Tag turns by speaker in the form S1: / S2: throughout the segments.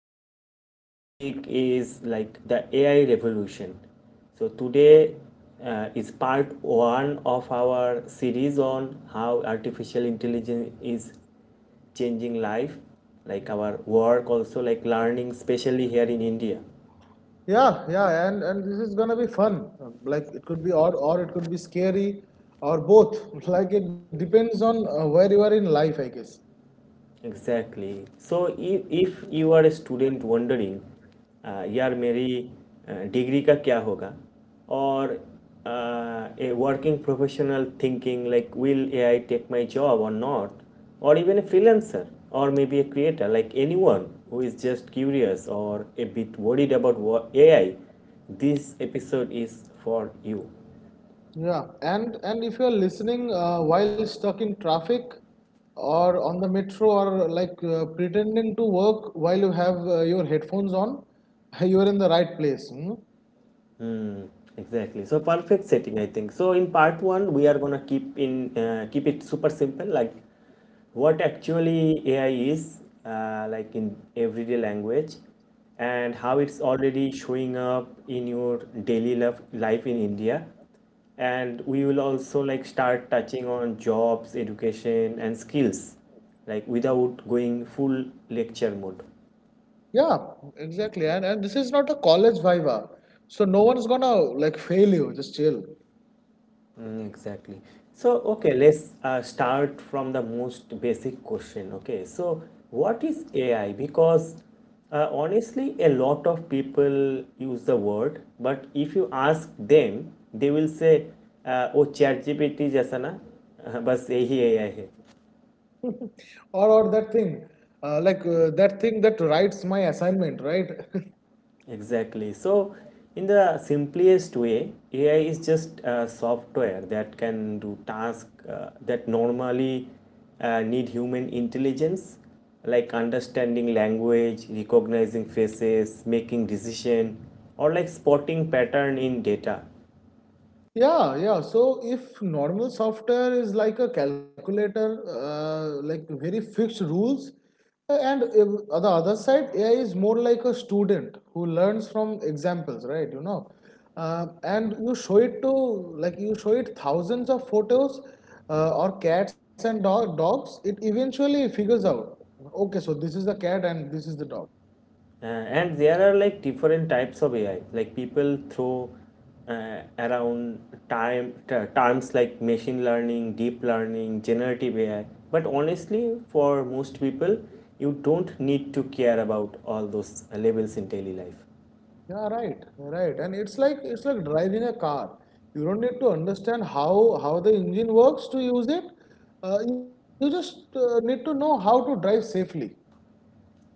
S1: The today's topic is like the AI revolution. So today is part one of our series on how artificial intelligence is changing life, like our work also, like learning, especially here in India.
S2: Yeah, yeah, and this is gonna be fun. Like it could be odd or it could be scary or both. Like it depends on where you are in life, I guess.
S1: Exactly. So, if you are a student wondering, "Yeah, my degree का क्या होगा," or a working professional thinking, "Like, will AI take my job or not?" Or even a freelancer or maybe a creator, like anyone who is just curious or a bit worried about AI, this episode is for you.
S2: Yeah, and if you're listening while stuck in traffic or on the metro or like pretending to work while you have your headphones on, you are in the right place. Hmm?
S1: Hmm, exactly. So perfect setting, I think. So in part one, we are gonna keep it super simple, like what actually AI is, like in everyday language, and how it's already showing up in your daily life in India. And we will also like start touching on jobs, education, and skills, like without going full lecture mode.
S2: Yeah, exactly. And this is not a college viva, so no one's gonna like fail you. Just chill.
S1: Mm, exactly. So, okay, let's start from the most basic question. Okay, so what is AI? Because honestly, a lot of people use the word, but if you ask them, they will say, "Oh, ChatGPT जैसा ना, बस यही AI है."
S2: Or that thing that thing that writes my assignment, right?
S1: Exactly. So, in the simplest way, AI is just software that can do tasks that normally need human intelligence, like understanding language, recognizing faces, making decision, or like spotting pattern in data.
S2: Yeah, yeah, so if normal software is like a calculator, like very fixed rules, and if, on the other side, AI is more like a student who learns from examples, right. And you show it to, like you show it thousands of photos or cats and dogs, it eventually figures out, okay, so this is the cat and this is the dog.
S1: And there are like different types of AI. Like people throw around terms like machine learning, deep learning, generative AI. But honestly, for most people, you don't need to care about all those labels in daily life.
S2: Yeah, right, right. And it's like driving a car. You don't need to understand how the engine works to use it. You just need to know how to drive safely.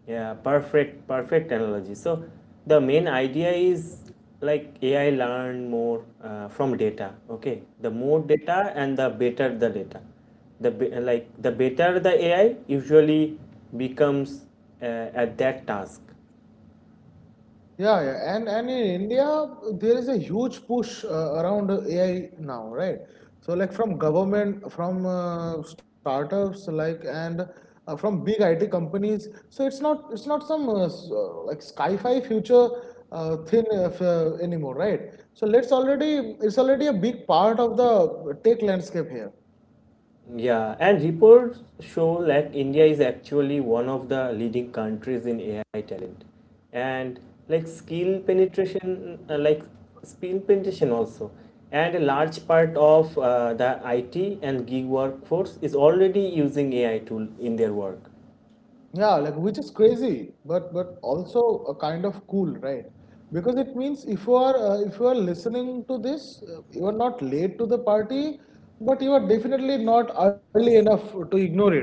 S1: Yeah, perfect, perfect analogy. So the main idea is like AI learn more from data. Okay, the more data and the better the data. The be- like the better the AI usually becomes uh, at that task.
S2: Yeah, yeah, and in India there is a huge push around AI now, right? So like from government, from startups, like and from big IT companies. So it's not some like sci-fi future anymore, right? So let's already it's already a big part of the tech landscape here.
S1: Yeah, and reports show like India is actually one of the leading countries in AI talent, and like skill penetration, also, and a large part of the IT and gig workforce is already using AI tool in their work.
S2: Yeah, like which is crazy, but also a kind of cool, right? Because it means if you are listening to this, you are not late to the party, but you are definitely not early enough to ignore it.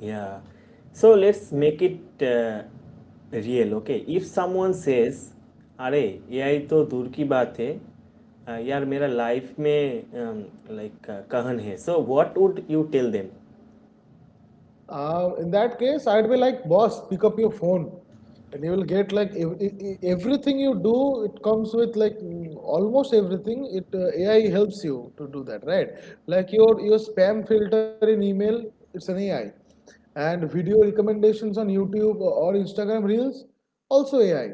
S1: Yeah. So let's make it real, okay? If someone says, अरे AI तो दूर की बात है यार मेरा life में like like, कहन है so what would you tell them
S2: In that case, I'd be like, boss, pick up your phone, and you will get like everything you do. It comes with almost everything. It AI helps you to do that, right? Like your spam filter in email, it's an AI, and video recommendations on YouTube or Instagram Reels, also AI.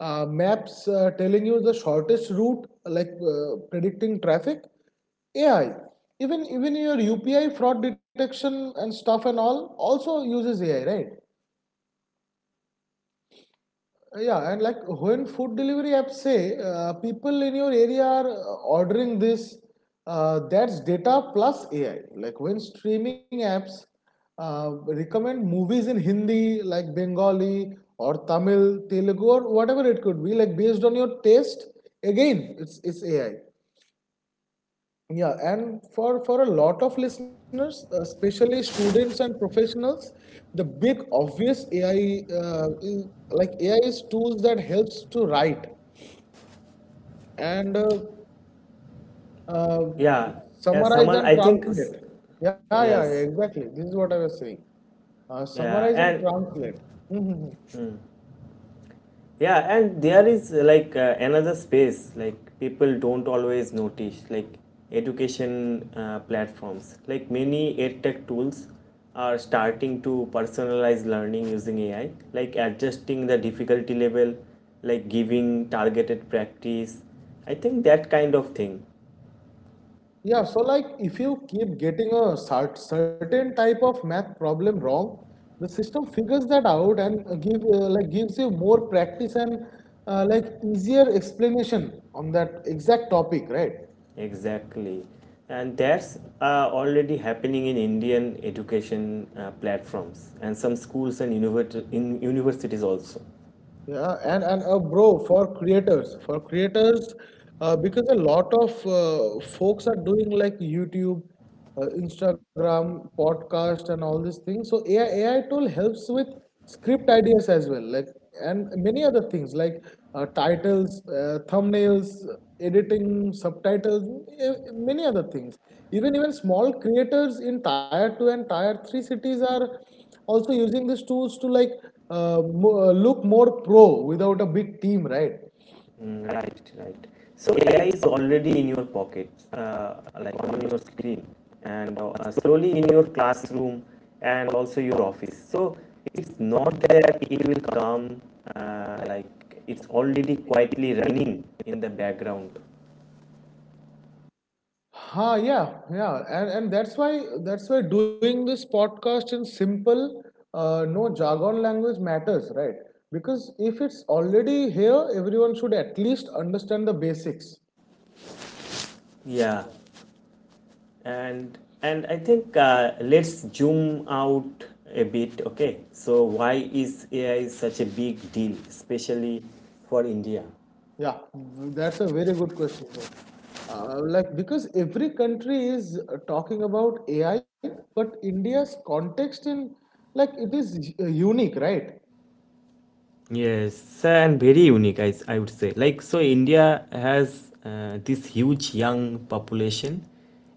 S2: Maps telling you the shortest route, like predicting traffic, AI. Even your UPI fraud detection and stuff and all also uses AI, right? Yeah, and like when food delivery apps say people in your area are ordering this, that's data plus AI. Like when streaming apps recommend movies in Hindi, like Bengali or Tamil, Telugu, or whatever it could be, like based on your taste, again it's AI. Yeah, and for a lot of listeners, especially students and professionals, the big obvious AI is tools that helps to write and uh,
S1: या
S2: summarize
S1: someone
S2: and
S1: I think
S2: translate. Yeah, yeah, yeah,
S1: yes
S2: exactly. This is what I was saying. Summarize
S1: या
S2: and
S1: and
S2: translate. Mhm.
S1: yeah, and there is another space like people don't always notice, like education platforms, like many edtech tools are starting to personalize learning using AI, like adjusting the difficulty level, like giving targeted practice. I think that kind of thing.
S2: Yeah, so like if you keep getting a certain type of math problem wrong, the system figures that out and gives you more practice and like easier explanation on that exact topic, right?
S1: Exactly, and that's already happening in Indian education platforms and some schools and in universities also.
S2: Yeah, and bro, for creators, because a lot of folks are doing like YouTube, Instagram, podcast, and all these things. So AI tool helps with script ideas as well, like and many other things like titles, thumbnails, editing, subtitles, many other things. Even small creators in tier two and tier three cities are, also using these tools to like look more pro without a big team, right?
S1: Mm. Right, right. So AI is already in your pocket, like on your screen, and slowly in your classroom and also your office. So it's not that it will come like it's already quietly running in the background.
S2: Ha, yeah, yeah, and that's why doing this podcast in simple, no jargon language matters, right? Because if it's already here, everyone should at least understand the basics.
S1: Yeah, and I think let's zoom out a bit. Okay, so why is AI such a big deal, especially for India?
S2: Yeah, that's a very good question, bro. Like because every country is talking about AI, but India's context in, like, it is unique, right?
S1: Yes, and very unique, I would say. Like, so India has this huge young population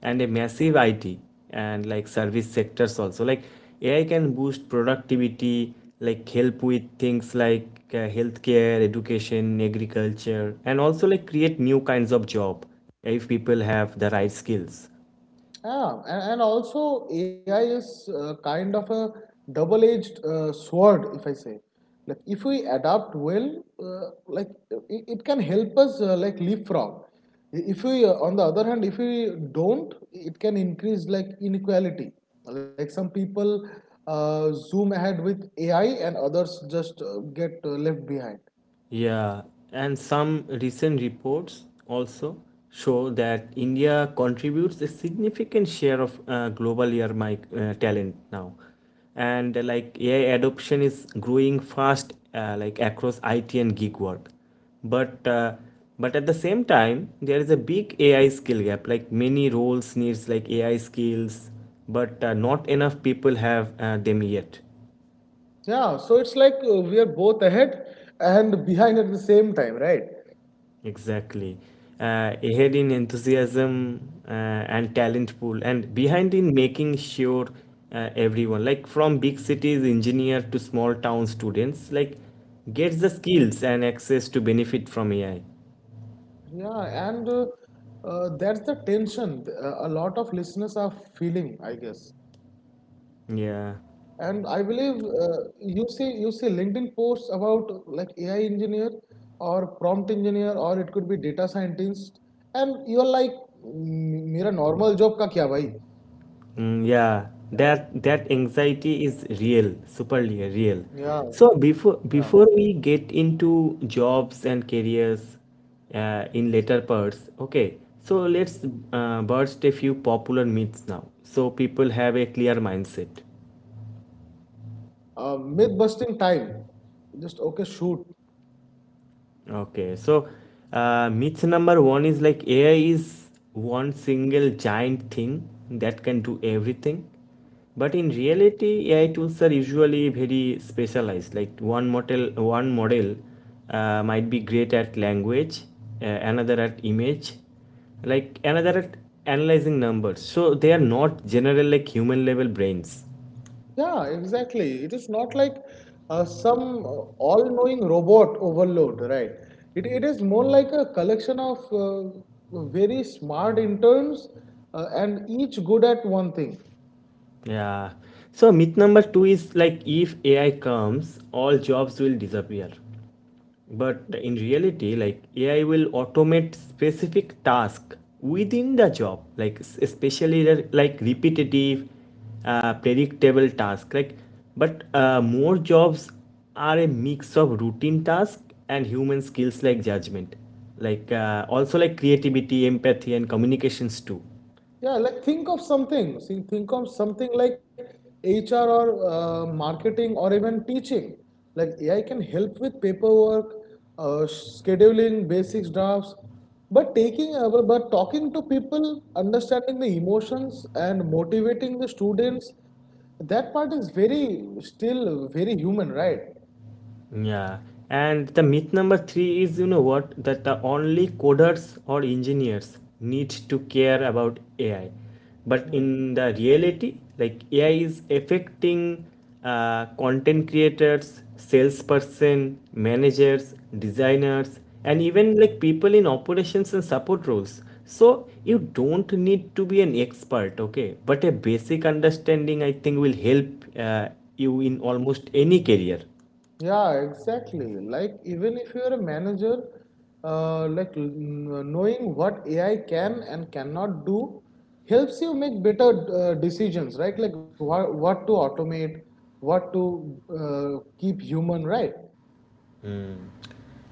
S1: and a massive IT and like service sectors also. Like, AI can boost productivity, like help with things like healthcare, education, agriculture, and also like create new kinds of job if people have the right skills.
S2: Yeah, and also AI is kind of a double-edged sword, if I say. Like if we adapt well, like it can help us like leapfrog. If we, on the other hand, if we don't, it can increase like inequality. Like some people zoom ahead with AI, and others just get left behind.
S1: Yeah, and some recent reports also show that India contributes a significant share of global air mic talent now. And like AI adoption is growing fast, like across IT and gig work. But uh, but at the same time, there is a big AI skill gap. Like many roles needs like AI skills, but not enough people have them yet.
S2: Yeah, so it's like we are both ahead and behind at the same time, right?
S1: Exactly. Ahead in enthusiasm and talent pool, and behind in making sure everyone, like from big cities engineer to small town students, like gets the skills and access to benefit from AI.
S2: Yeah, and that's the tension a lot of listeners are feeling, I guess. And I believe
S1: Yeah.
S2: you see LinkedIn posts about like AI engineer or prompt engineer or it could be data scientist, and you're like, "Mm, मेरा normal job का क्या भाई?
S1: Mm, yeah, that anxiety is real, superly
S2: Yeah,
S1: real. So
S2: yeah.
S1: before we get into jobs and careers in later parts, okay. So let's burst a few popular myths now, so people have a clear mindset.
S2: Myth busting time. Just okay, shoot.
S1: Okay, so myth number one is like AI is one single giant thing that can do everything. But in reality, AI tools are usually very specialized. Like one model might be great at language, another at image, like another at analyzing numbers. So they are not general like human level brains.
S2: Yeah, exactly. It is not like some all-knowing robot overload, right? It is more like a collection of very smart interns and each good at one thing.
S1: Yeah. So myth number two is like if AI comes, all jobs will disappear. But in reality, like AI will automate specific tasks within the job, like especially like repetitive, predictable tasks. Like, but more jobs are a mix of routine tasks and human skills like judgment, like also like creativity, empathy, and communications too.
S2: Yeah, like think of something. See, think of something like HR or marketing or even teaching. Like AI can help with paperwork, uh, scheduling, basic drafts, but taking but talking to people, understanding the emotions and motivating the students, that part is very still very human, right?
S1: Yeah, and the myth number three is, you know what, that only coders or engineers need to care about AI, but in the reality, like AI is affecting content creators, salesperson, managers, designers, and even like people in operations and support roles. So you don't need to be an expert, okay? But a basic understanding, I think, will help uh, you in almost any career.
S2: Yeah, exactly. Like, even if you're a manager, knowing what AI can and cannot do helps you make better decisions, right? Like, what to automate, what to keep human, right?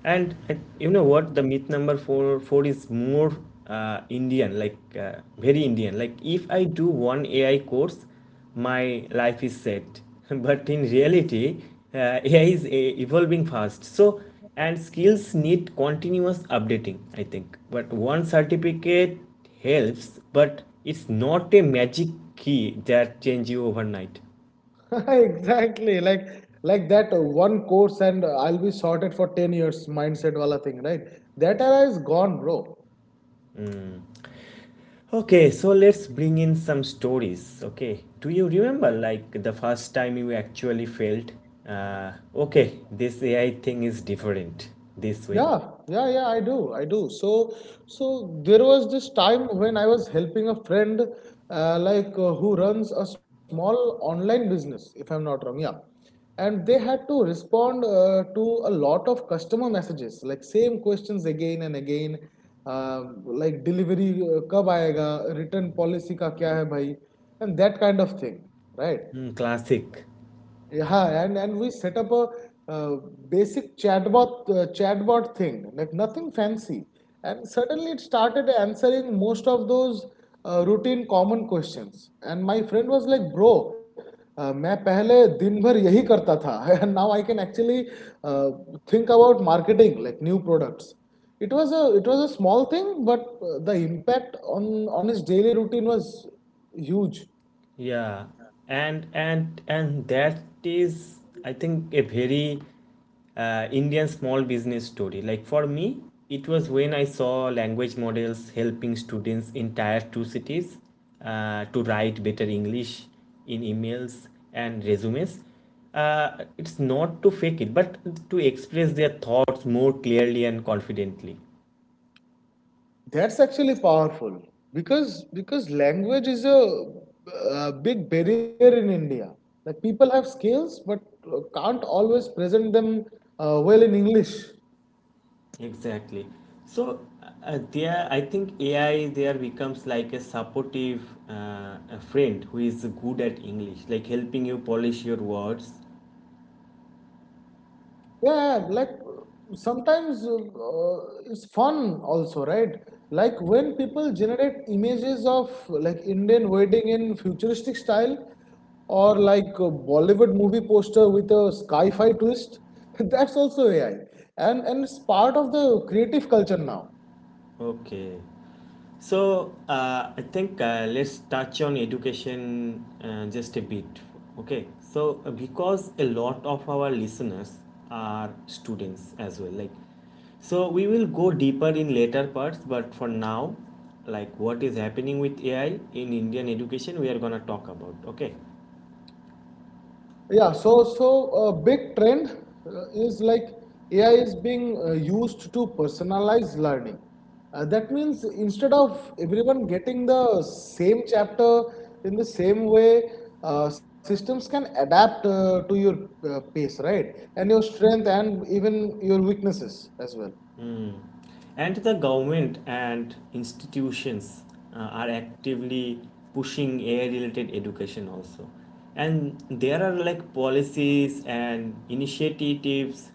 S1: And you know what? The myth number four is more Indian, like very Indian. Like if I do one AI course, my life is set. But in reality, AI is evolving fast. So and skills need continuous updating. I think. But one certificate helps, but it's not a magic key that changes you overnight.
S2: Exactly. Like that one course and I'll be sorted for 10 years mindset wala thing, right? That era is gone, bro.
S1: Okay, so let's bring in some stories. Okay, do you remember like the first time you actually felt, okay, this AI thing is different this way?
S2: Yeah, yeah, yeah, I do. I do. So, so there was this time when I was helping a friend, who runs a small online business, if I'm not wrong. Yeah. And they had to respond to a lot of customer messages, like same questions again and again, like delivery कब आएगा, return policy का क्या है भाई, and that kind of thing, right?
S1: Hmm, classic.
S2: Yeah, and we set up a uh, basic chatbot thing, like nothing fancy, and suddenly it started answering most of those routine common questions. And my friend was like, "Bro, मैं पहले दिन भर यही करता था, and now I can actually uh, think about marketing, like new products." It was a small thing, but the impact on his daily routine was huge.
S1: Yeah, and that is, I think, a very Indian small business story. Like for me, it was when I saw language models helping students in tier two cities to write better English in emails and resumes. It's not to fake it, but to express their thoughts more clearly and confidently.
S2: That's actually powerful because language is a, uh, big barrier in India. Like people have skills but can't always present them well in English.
S1: Exactly. So there, I think AI there becomes like a supportive a friend who is good at English, like helping you polish your words.
S2: Yeah, like sometimes it's fun also, right? Like when people generate images of like Indian wedding in futuristic style or like a Bollywood movie poster with a sci-fi twist, that's also AI. And it's part of the creative culture now.
S1: Okay. So I think let's touch on education just a bit. Okay. So because a lot of our listeners are students as well, like so we will go deeper in later parts, but for now, like what is happening with AI in Indian education, we are gonna talk about. Okay.
S2: Yeah, so a big trend is like AI is being used to personalize learning. That means instead of everyone getting the same chapter in the same way, systems can adapt to your pace, right? And your strength and even your weaknesses as well.
S1: Mm. And the government and institutions are actively pushing AI related education also. And there are like policies and initiatives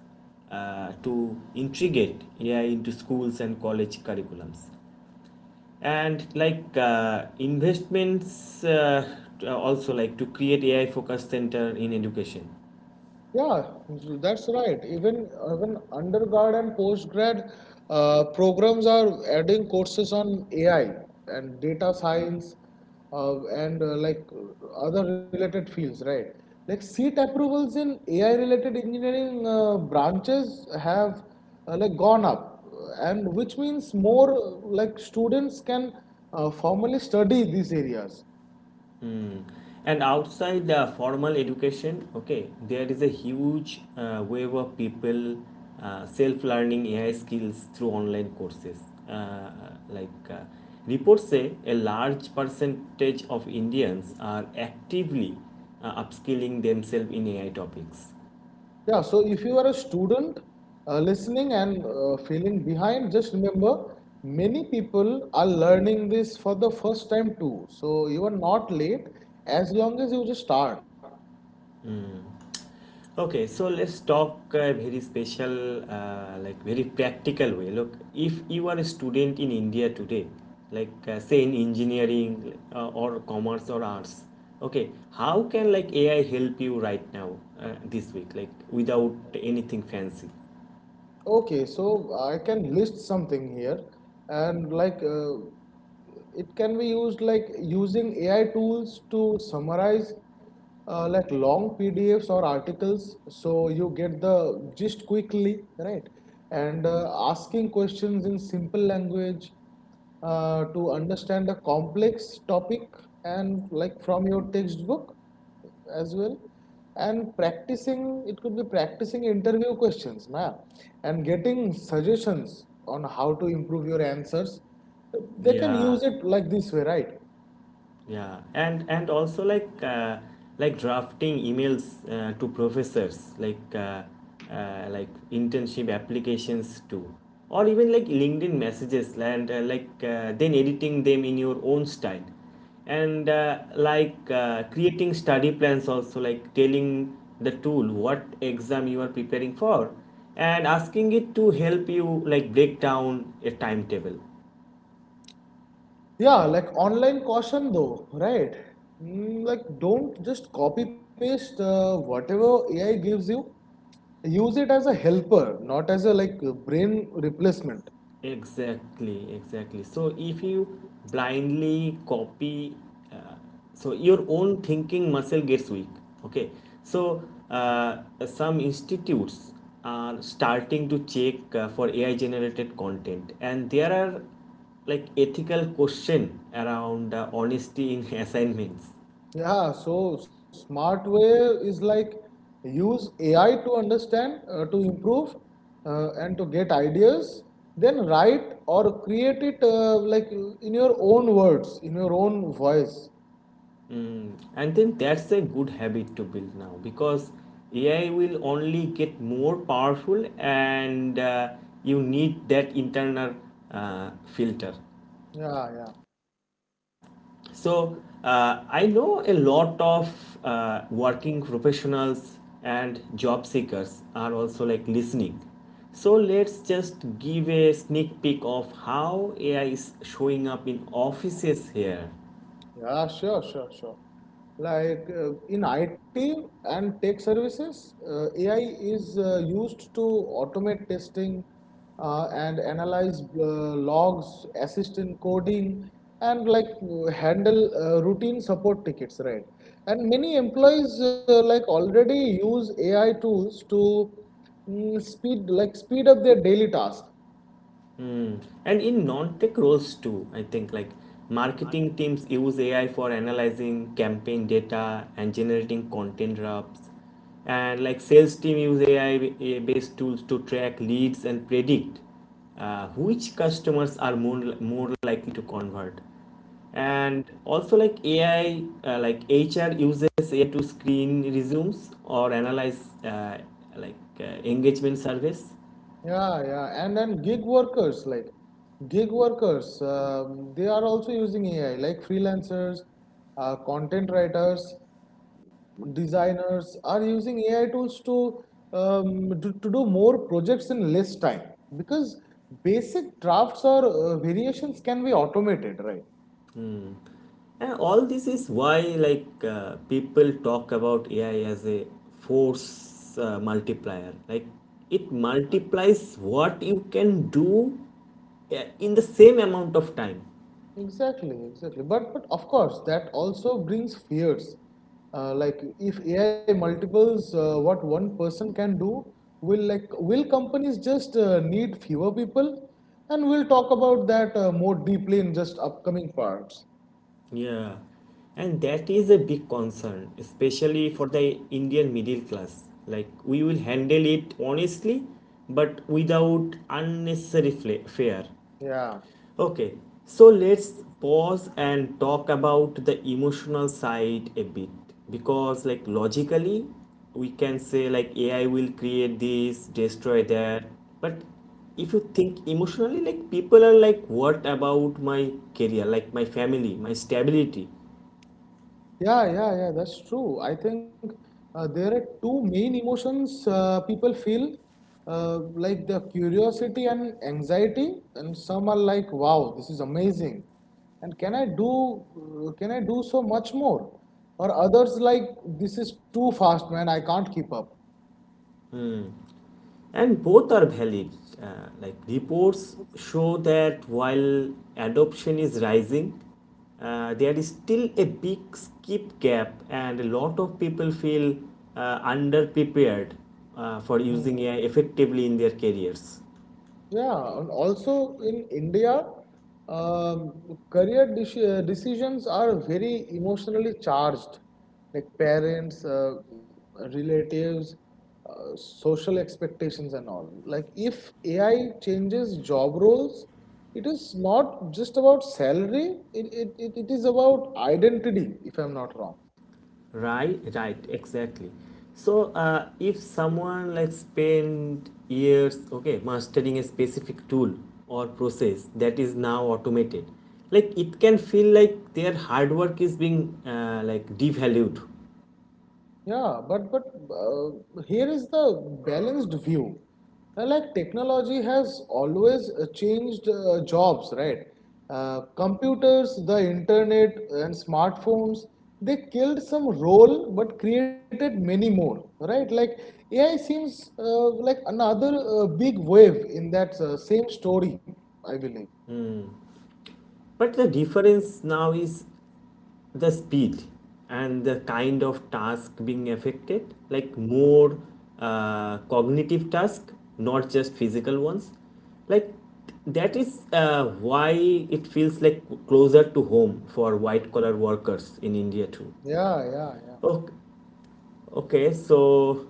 S1: to integrate AI into schools and college curriculums. And like investments also like to create AI focus center in education.
S2: Yeah, that's right. Even undergrad and postgrad programs are adding courses on AI and data science and like other related fields, right? Like seat approvals in AI related engineering branches have like gone up, and which means more like students can formally study these areas.
S1: Hmm. And outside the formal education, okay, there is a huge wave of people self-learning AI skills through online courses. Uh, like uh, Reports say, a large percentage of Indians are actively upskilling themselves in AI topics.
S2: Yeah, so if you are a student listening and feeling behind, just remember many people are learning this for the first time too. So you are not late as long as you just start.
S1: Okay, so let's talk a very special, like very practical way. Look, if you are a student in India today, like say in engineering or commerce or arts, okay, how can like AI help you right now, this week, like without anything fancy?
S2: Okay, so I can list something here, and it can be used like using AI tools to summarize like long PDFs or articles, so you get the gist quickly, right? And asking questions in simple language, to understand a complex topic and like from your textbook as well, and practicing, it could be practicing interview questions na, and getting suggestions on how to improve your answers. They can
S1: Yeah.
S2: use it like this way, right?
S1: Yeah, and also like drafting emails to professors, like internship applications too, or even like LinkedIn messages, and then editing them in your own style, and creating study plans also, like telling the tool what exam you are preparing for, and asking it to help you like break down a timetable.
S2: Yeah, like online caution though, right? Mm, like don't just copy paste whatever AI gives you. Use it as a helper, not as a like brain replacement.
S1: Exactly, exactly. So if you blindly copy, uh, so your own thinking muscle gets weak. Okay. So uh, some institutes are starting to check for AI generated content, and there are like ethical question around honesty in assignments.
S2: Yeah, so smart way is like use AI to understand, to improve, and to get ideas, then write or create it like in your own words, in your own voice.
S1: And then that's a good habit to build now because AI will only get more powerful and you need that internal filter.
S2: Yeah, yeah.
S1: So I know a lot of working professionals and job seekers are also like listening. So let's just give a sneak peek of how AI is showing up in offices here.
S2: Yeah, sure, sure, sure. Like in IT and tech services, AI is used to automate testing and analyze logs, assist in coding, and handle routine support tickets, right? And many employees like already use AI tools to speed up their daily task.
S1: Mm. And in non-tech roles too, I think like marketing teams use AI for analyzing campaign data and generating content drafts. And like sales team use AI based tools to track leads and predict which customers are more likely to convert. And also like AI, like HR uses AI to screen resumes or analyze engagement surveys.
S2: Yeah, yeah, and then gig workers, they are also using AI like freelancers, content writers, designers are using AI tools to, do more projects in less time because basic drafts or variations can be automated, right?
S1: And all this is why, people talk about AI as a force multiplier. Like, it multiplies what you can do in the same amount of time.
S2: Exactly, exactly. But of course, that also brings fears. Like if AI multiples what one person can do, will companies just need fewer people? And we'll talk about that more deeply in just upcoming parts.
S1: Yeah. And that is a big concern, especially for the Indian middle class. Like, we will handle it honestly, but without unnecessary fear.
S2: Yeah.
S1: Okay, so let's pause and talk about the emotional side a bit because, like, logically, we can say, like, AI will create this, destroy that. But if you think emotionally, like, people are like, what about my career, like, my family, my stability?
S2: Yeah, yeah, yeah, that's true. I think there are two main emotions people feel like the curiosity and anxiety, and some are like, wow, this is amazing, and can I do so much more? Or others like, this is too fast, man, I can't keep up.
S1: And both are valid. Uh, like reports show that while adoption is rising, there is still a big skip gap and a lot of people feel underprepared for
S2: Hmm.
S1: using AI effectively in their careers.
S2: Yeah, and also in India, um, decisions are very emotionally charged. Like parents, relatives, social expectations, and all. Like, if AI changes job roles, it is not just about salary, it is about identity, if I'm not wrong.
S1: Right, right, exactly. So if someone like spent years, okay, mastering a specific tool or process that is now automated, like it can feel like their hard work is being like devalued.
S2: Yeah, but here is the balanced view. Like technology has always changed jobs, right? Computers, the internet, and smartphones, they killed some role but created many more, right? Like AI seems like another big wave in that same story, I believe.
S1: But the difference now is the speed and the kind of task being affected, like more cognitive task, not just physical ones. Like, that is why it feels like closer to home for white collar workers in India too.
S2: Yeah, yeah, yeah.
S1: Oh, okay, so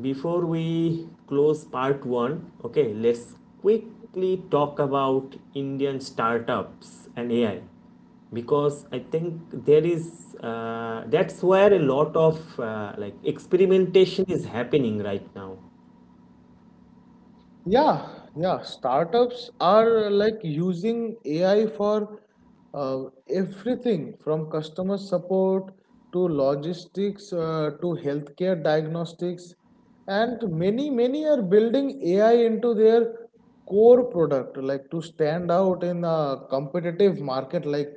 S1: before we close part one, okay, let's quickly talk about Indian startups and AI because I think there is that's where a lot of like experimentation is happening right now.
S2: Yeah, yeah. Startups are like using AI for uh, everything from customer support to logistics to healthcare diagnostics, and many are building AI into their core product, like to stand out in a competitive market like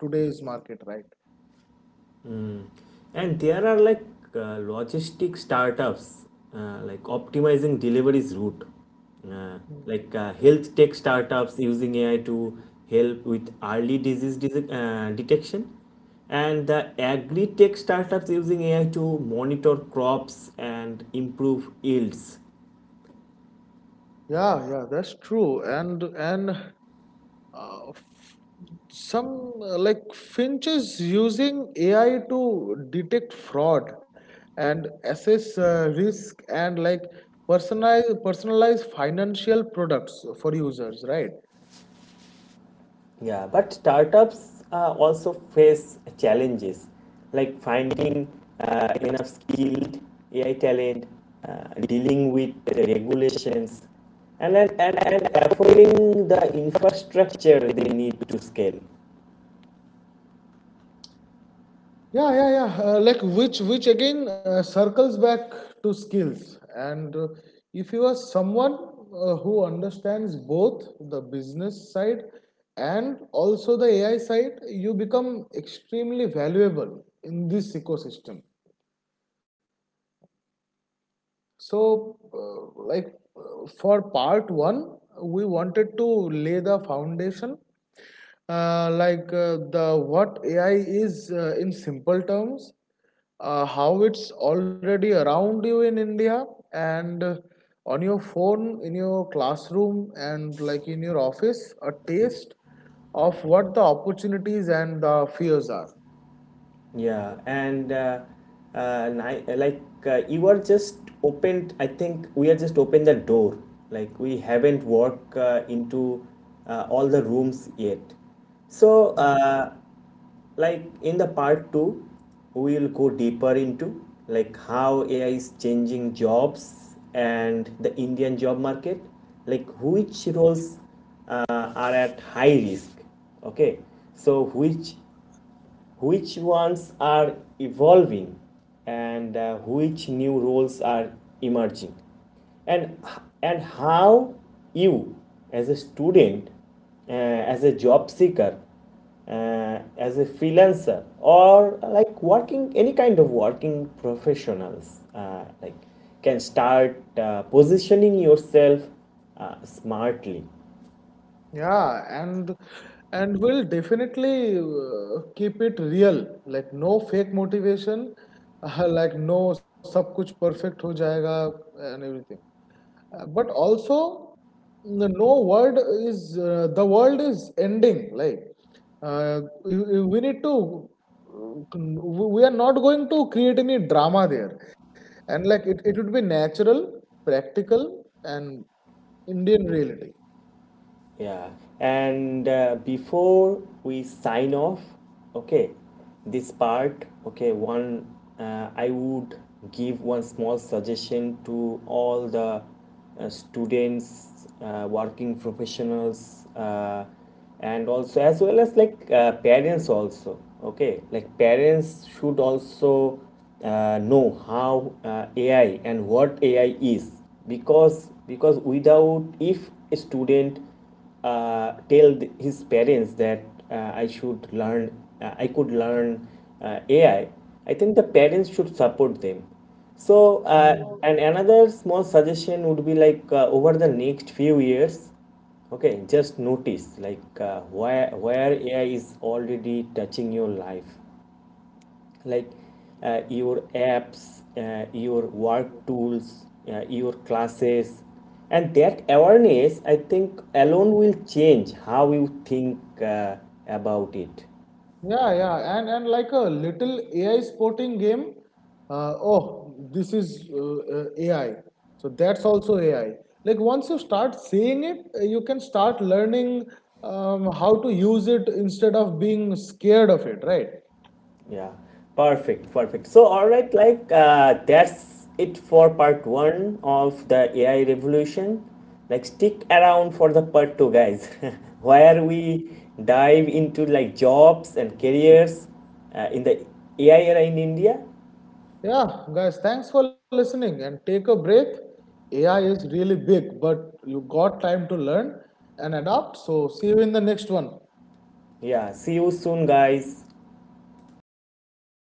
S2: today's market, right?
S1: And there are like logistic startups like optimizing deliveries route, uh, health tech startups using AI to help with early disease detection, and the agri tech startups using AI to monitor crops and improve yields.
S2: Yeah, yeah, that's true. And f- some like Finch is using AI to detect fraud and assess risk and like personalize financial products for users, right?
S1: Yeah, but startups also face challenges like finding enough skilled AI talent, dealing with regulations, and affording the infrastructure they need to scale.
S2: Yeah, yeah, yeah, like which again circles back to skills and if you are someone who understands both the business side and also the AI side, you become extremely valuable in this ecosystem. So, uh, like for part one, we wanted to lay the foundation, like the what AI is in simple terms, how it's already around you in India and on your phone, in your classroom, and like in your office, a taste of what the opportunities and the fears are.
S1: Yeah, and like you are just opened, I think we are just opened the door. Like we haven't walked into all the rooms yet. So, like in the part two, we will go deeper into like how AI is changing jobs and the Indian job market, like which roles are at high risk. Okay, so which ones are evolving and which new roles are emerging, and and how you, as a student, as a job seeker, as a freelancer, or like working any kind of working professionals, like can start positioning yourself smartly.
S2: Yeah, and we'll definitely keep it real. Like no fake motivation, like no सब कुछ perfect हो जाएगा and everything. But also no word is the world is ending. Like we need to we are not going to create any drama there. And like it would be natural, practical, and Indian reality.
S1: Yeah, and before we sign off, okay, this part, okay, one, I would give one small suggestion to all the students, working professionals, and also as well as like parents also. Okay, like parents should also know how AI and what AI is, because without, if a student tell his parents that I should learn, I could learn AI, I think the parents should support them. So,
S2: Hmm.
S1: and another small suggestion would be like over the next few years, okay, just notice like where AI is already touching your life, like your apps, your work tools, your classes. And that awareness, I think, alone will change how you think about it.
S2: Yeah, yeah, and like a little AI sporting game. Oh, this is AI. So that's also AI. Like once you start seeing it, you can start learning how to use it instead of being scared of it, right?
S1: Yeah, perfect, perfect. So, all right, like that's it for part one of the AI revolution. Like, stick around for the part two, guys, where we dive into like jobs and careers in the AI era in India.
S2: Yeah, guys, thanks for listening and take a breath. AI is really big, but you got time to learn and adapt. So see you in the next one.
S1: Yeah, see you soon, guys.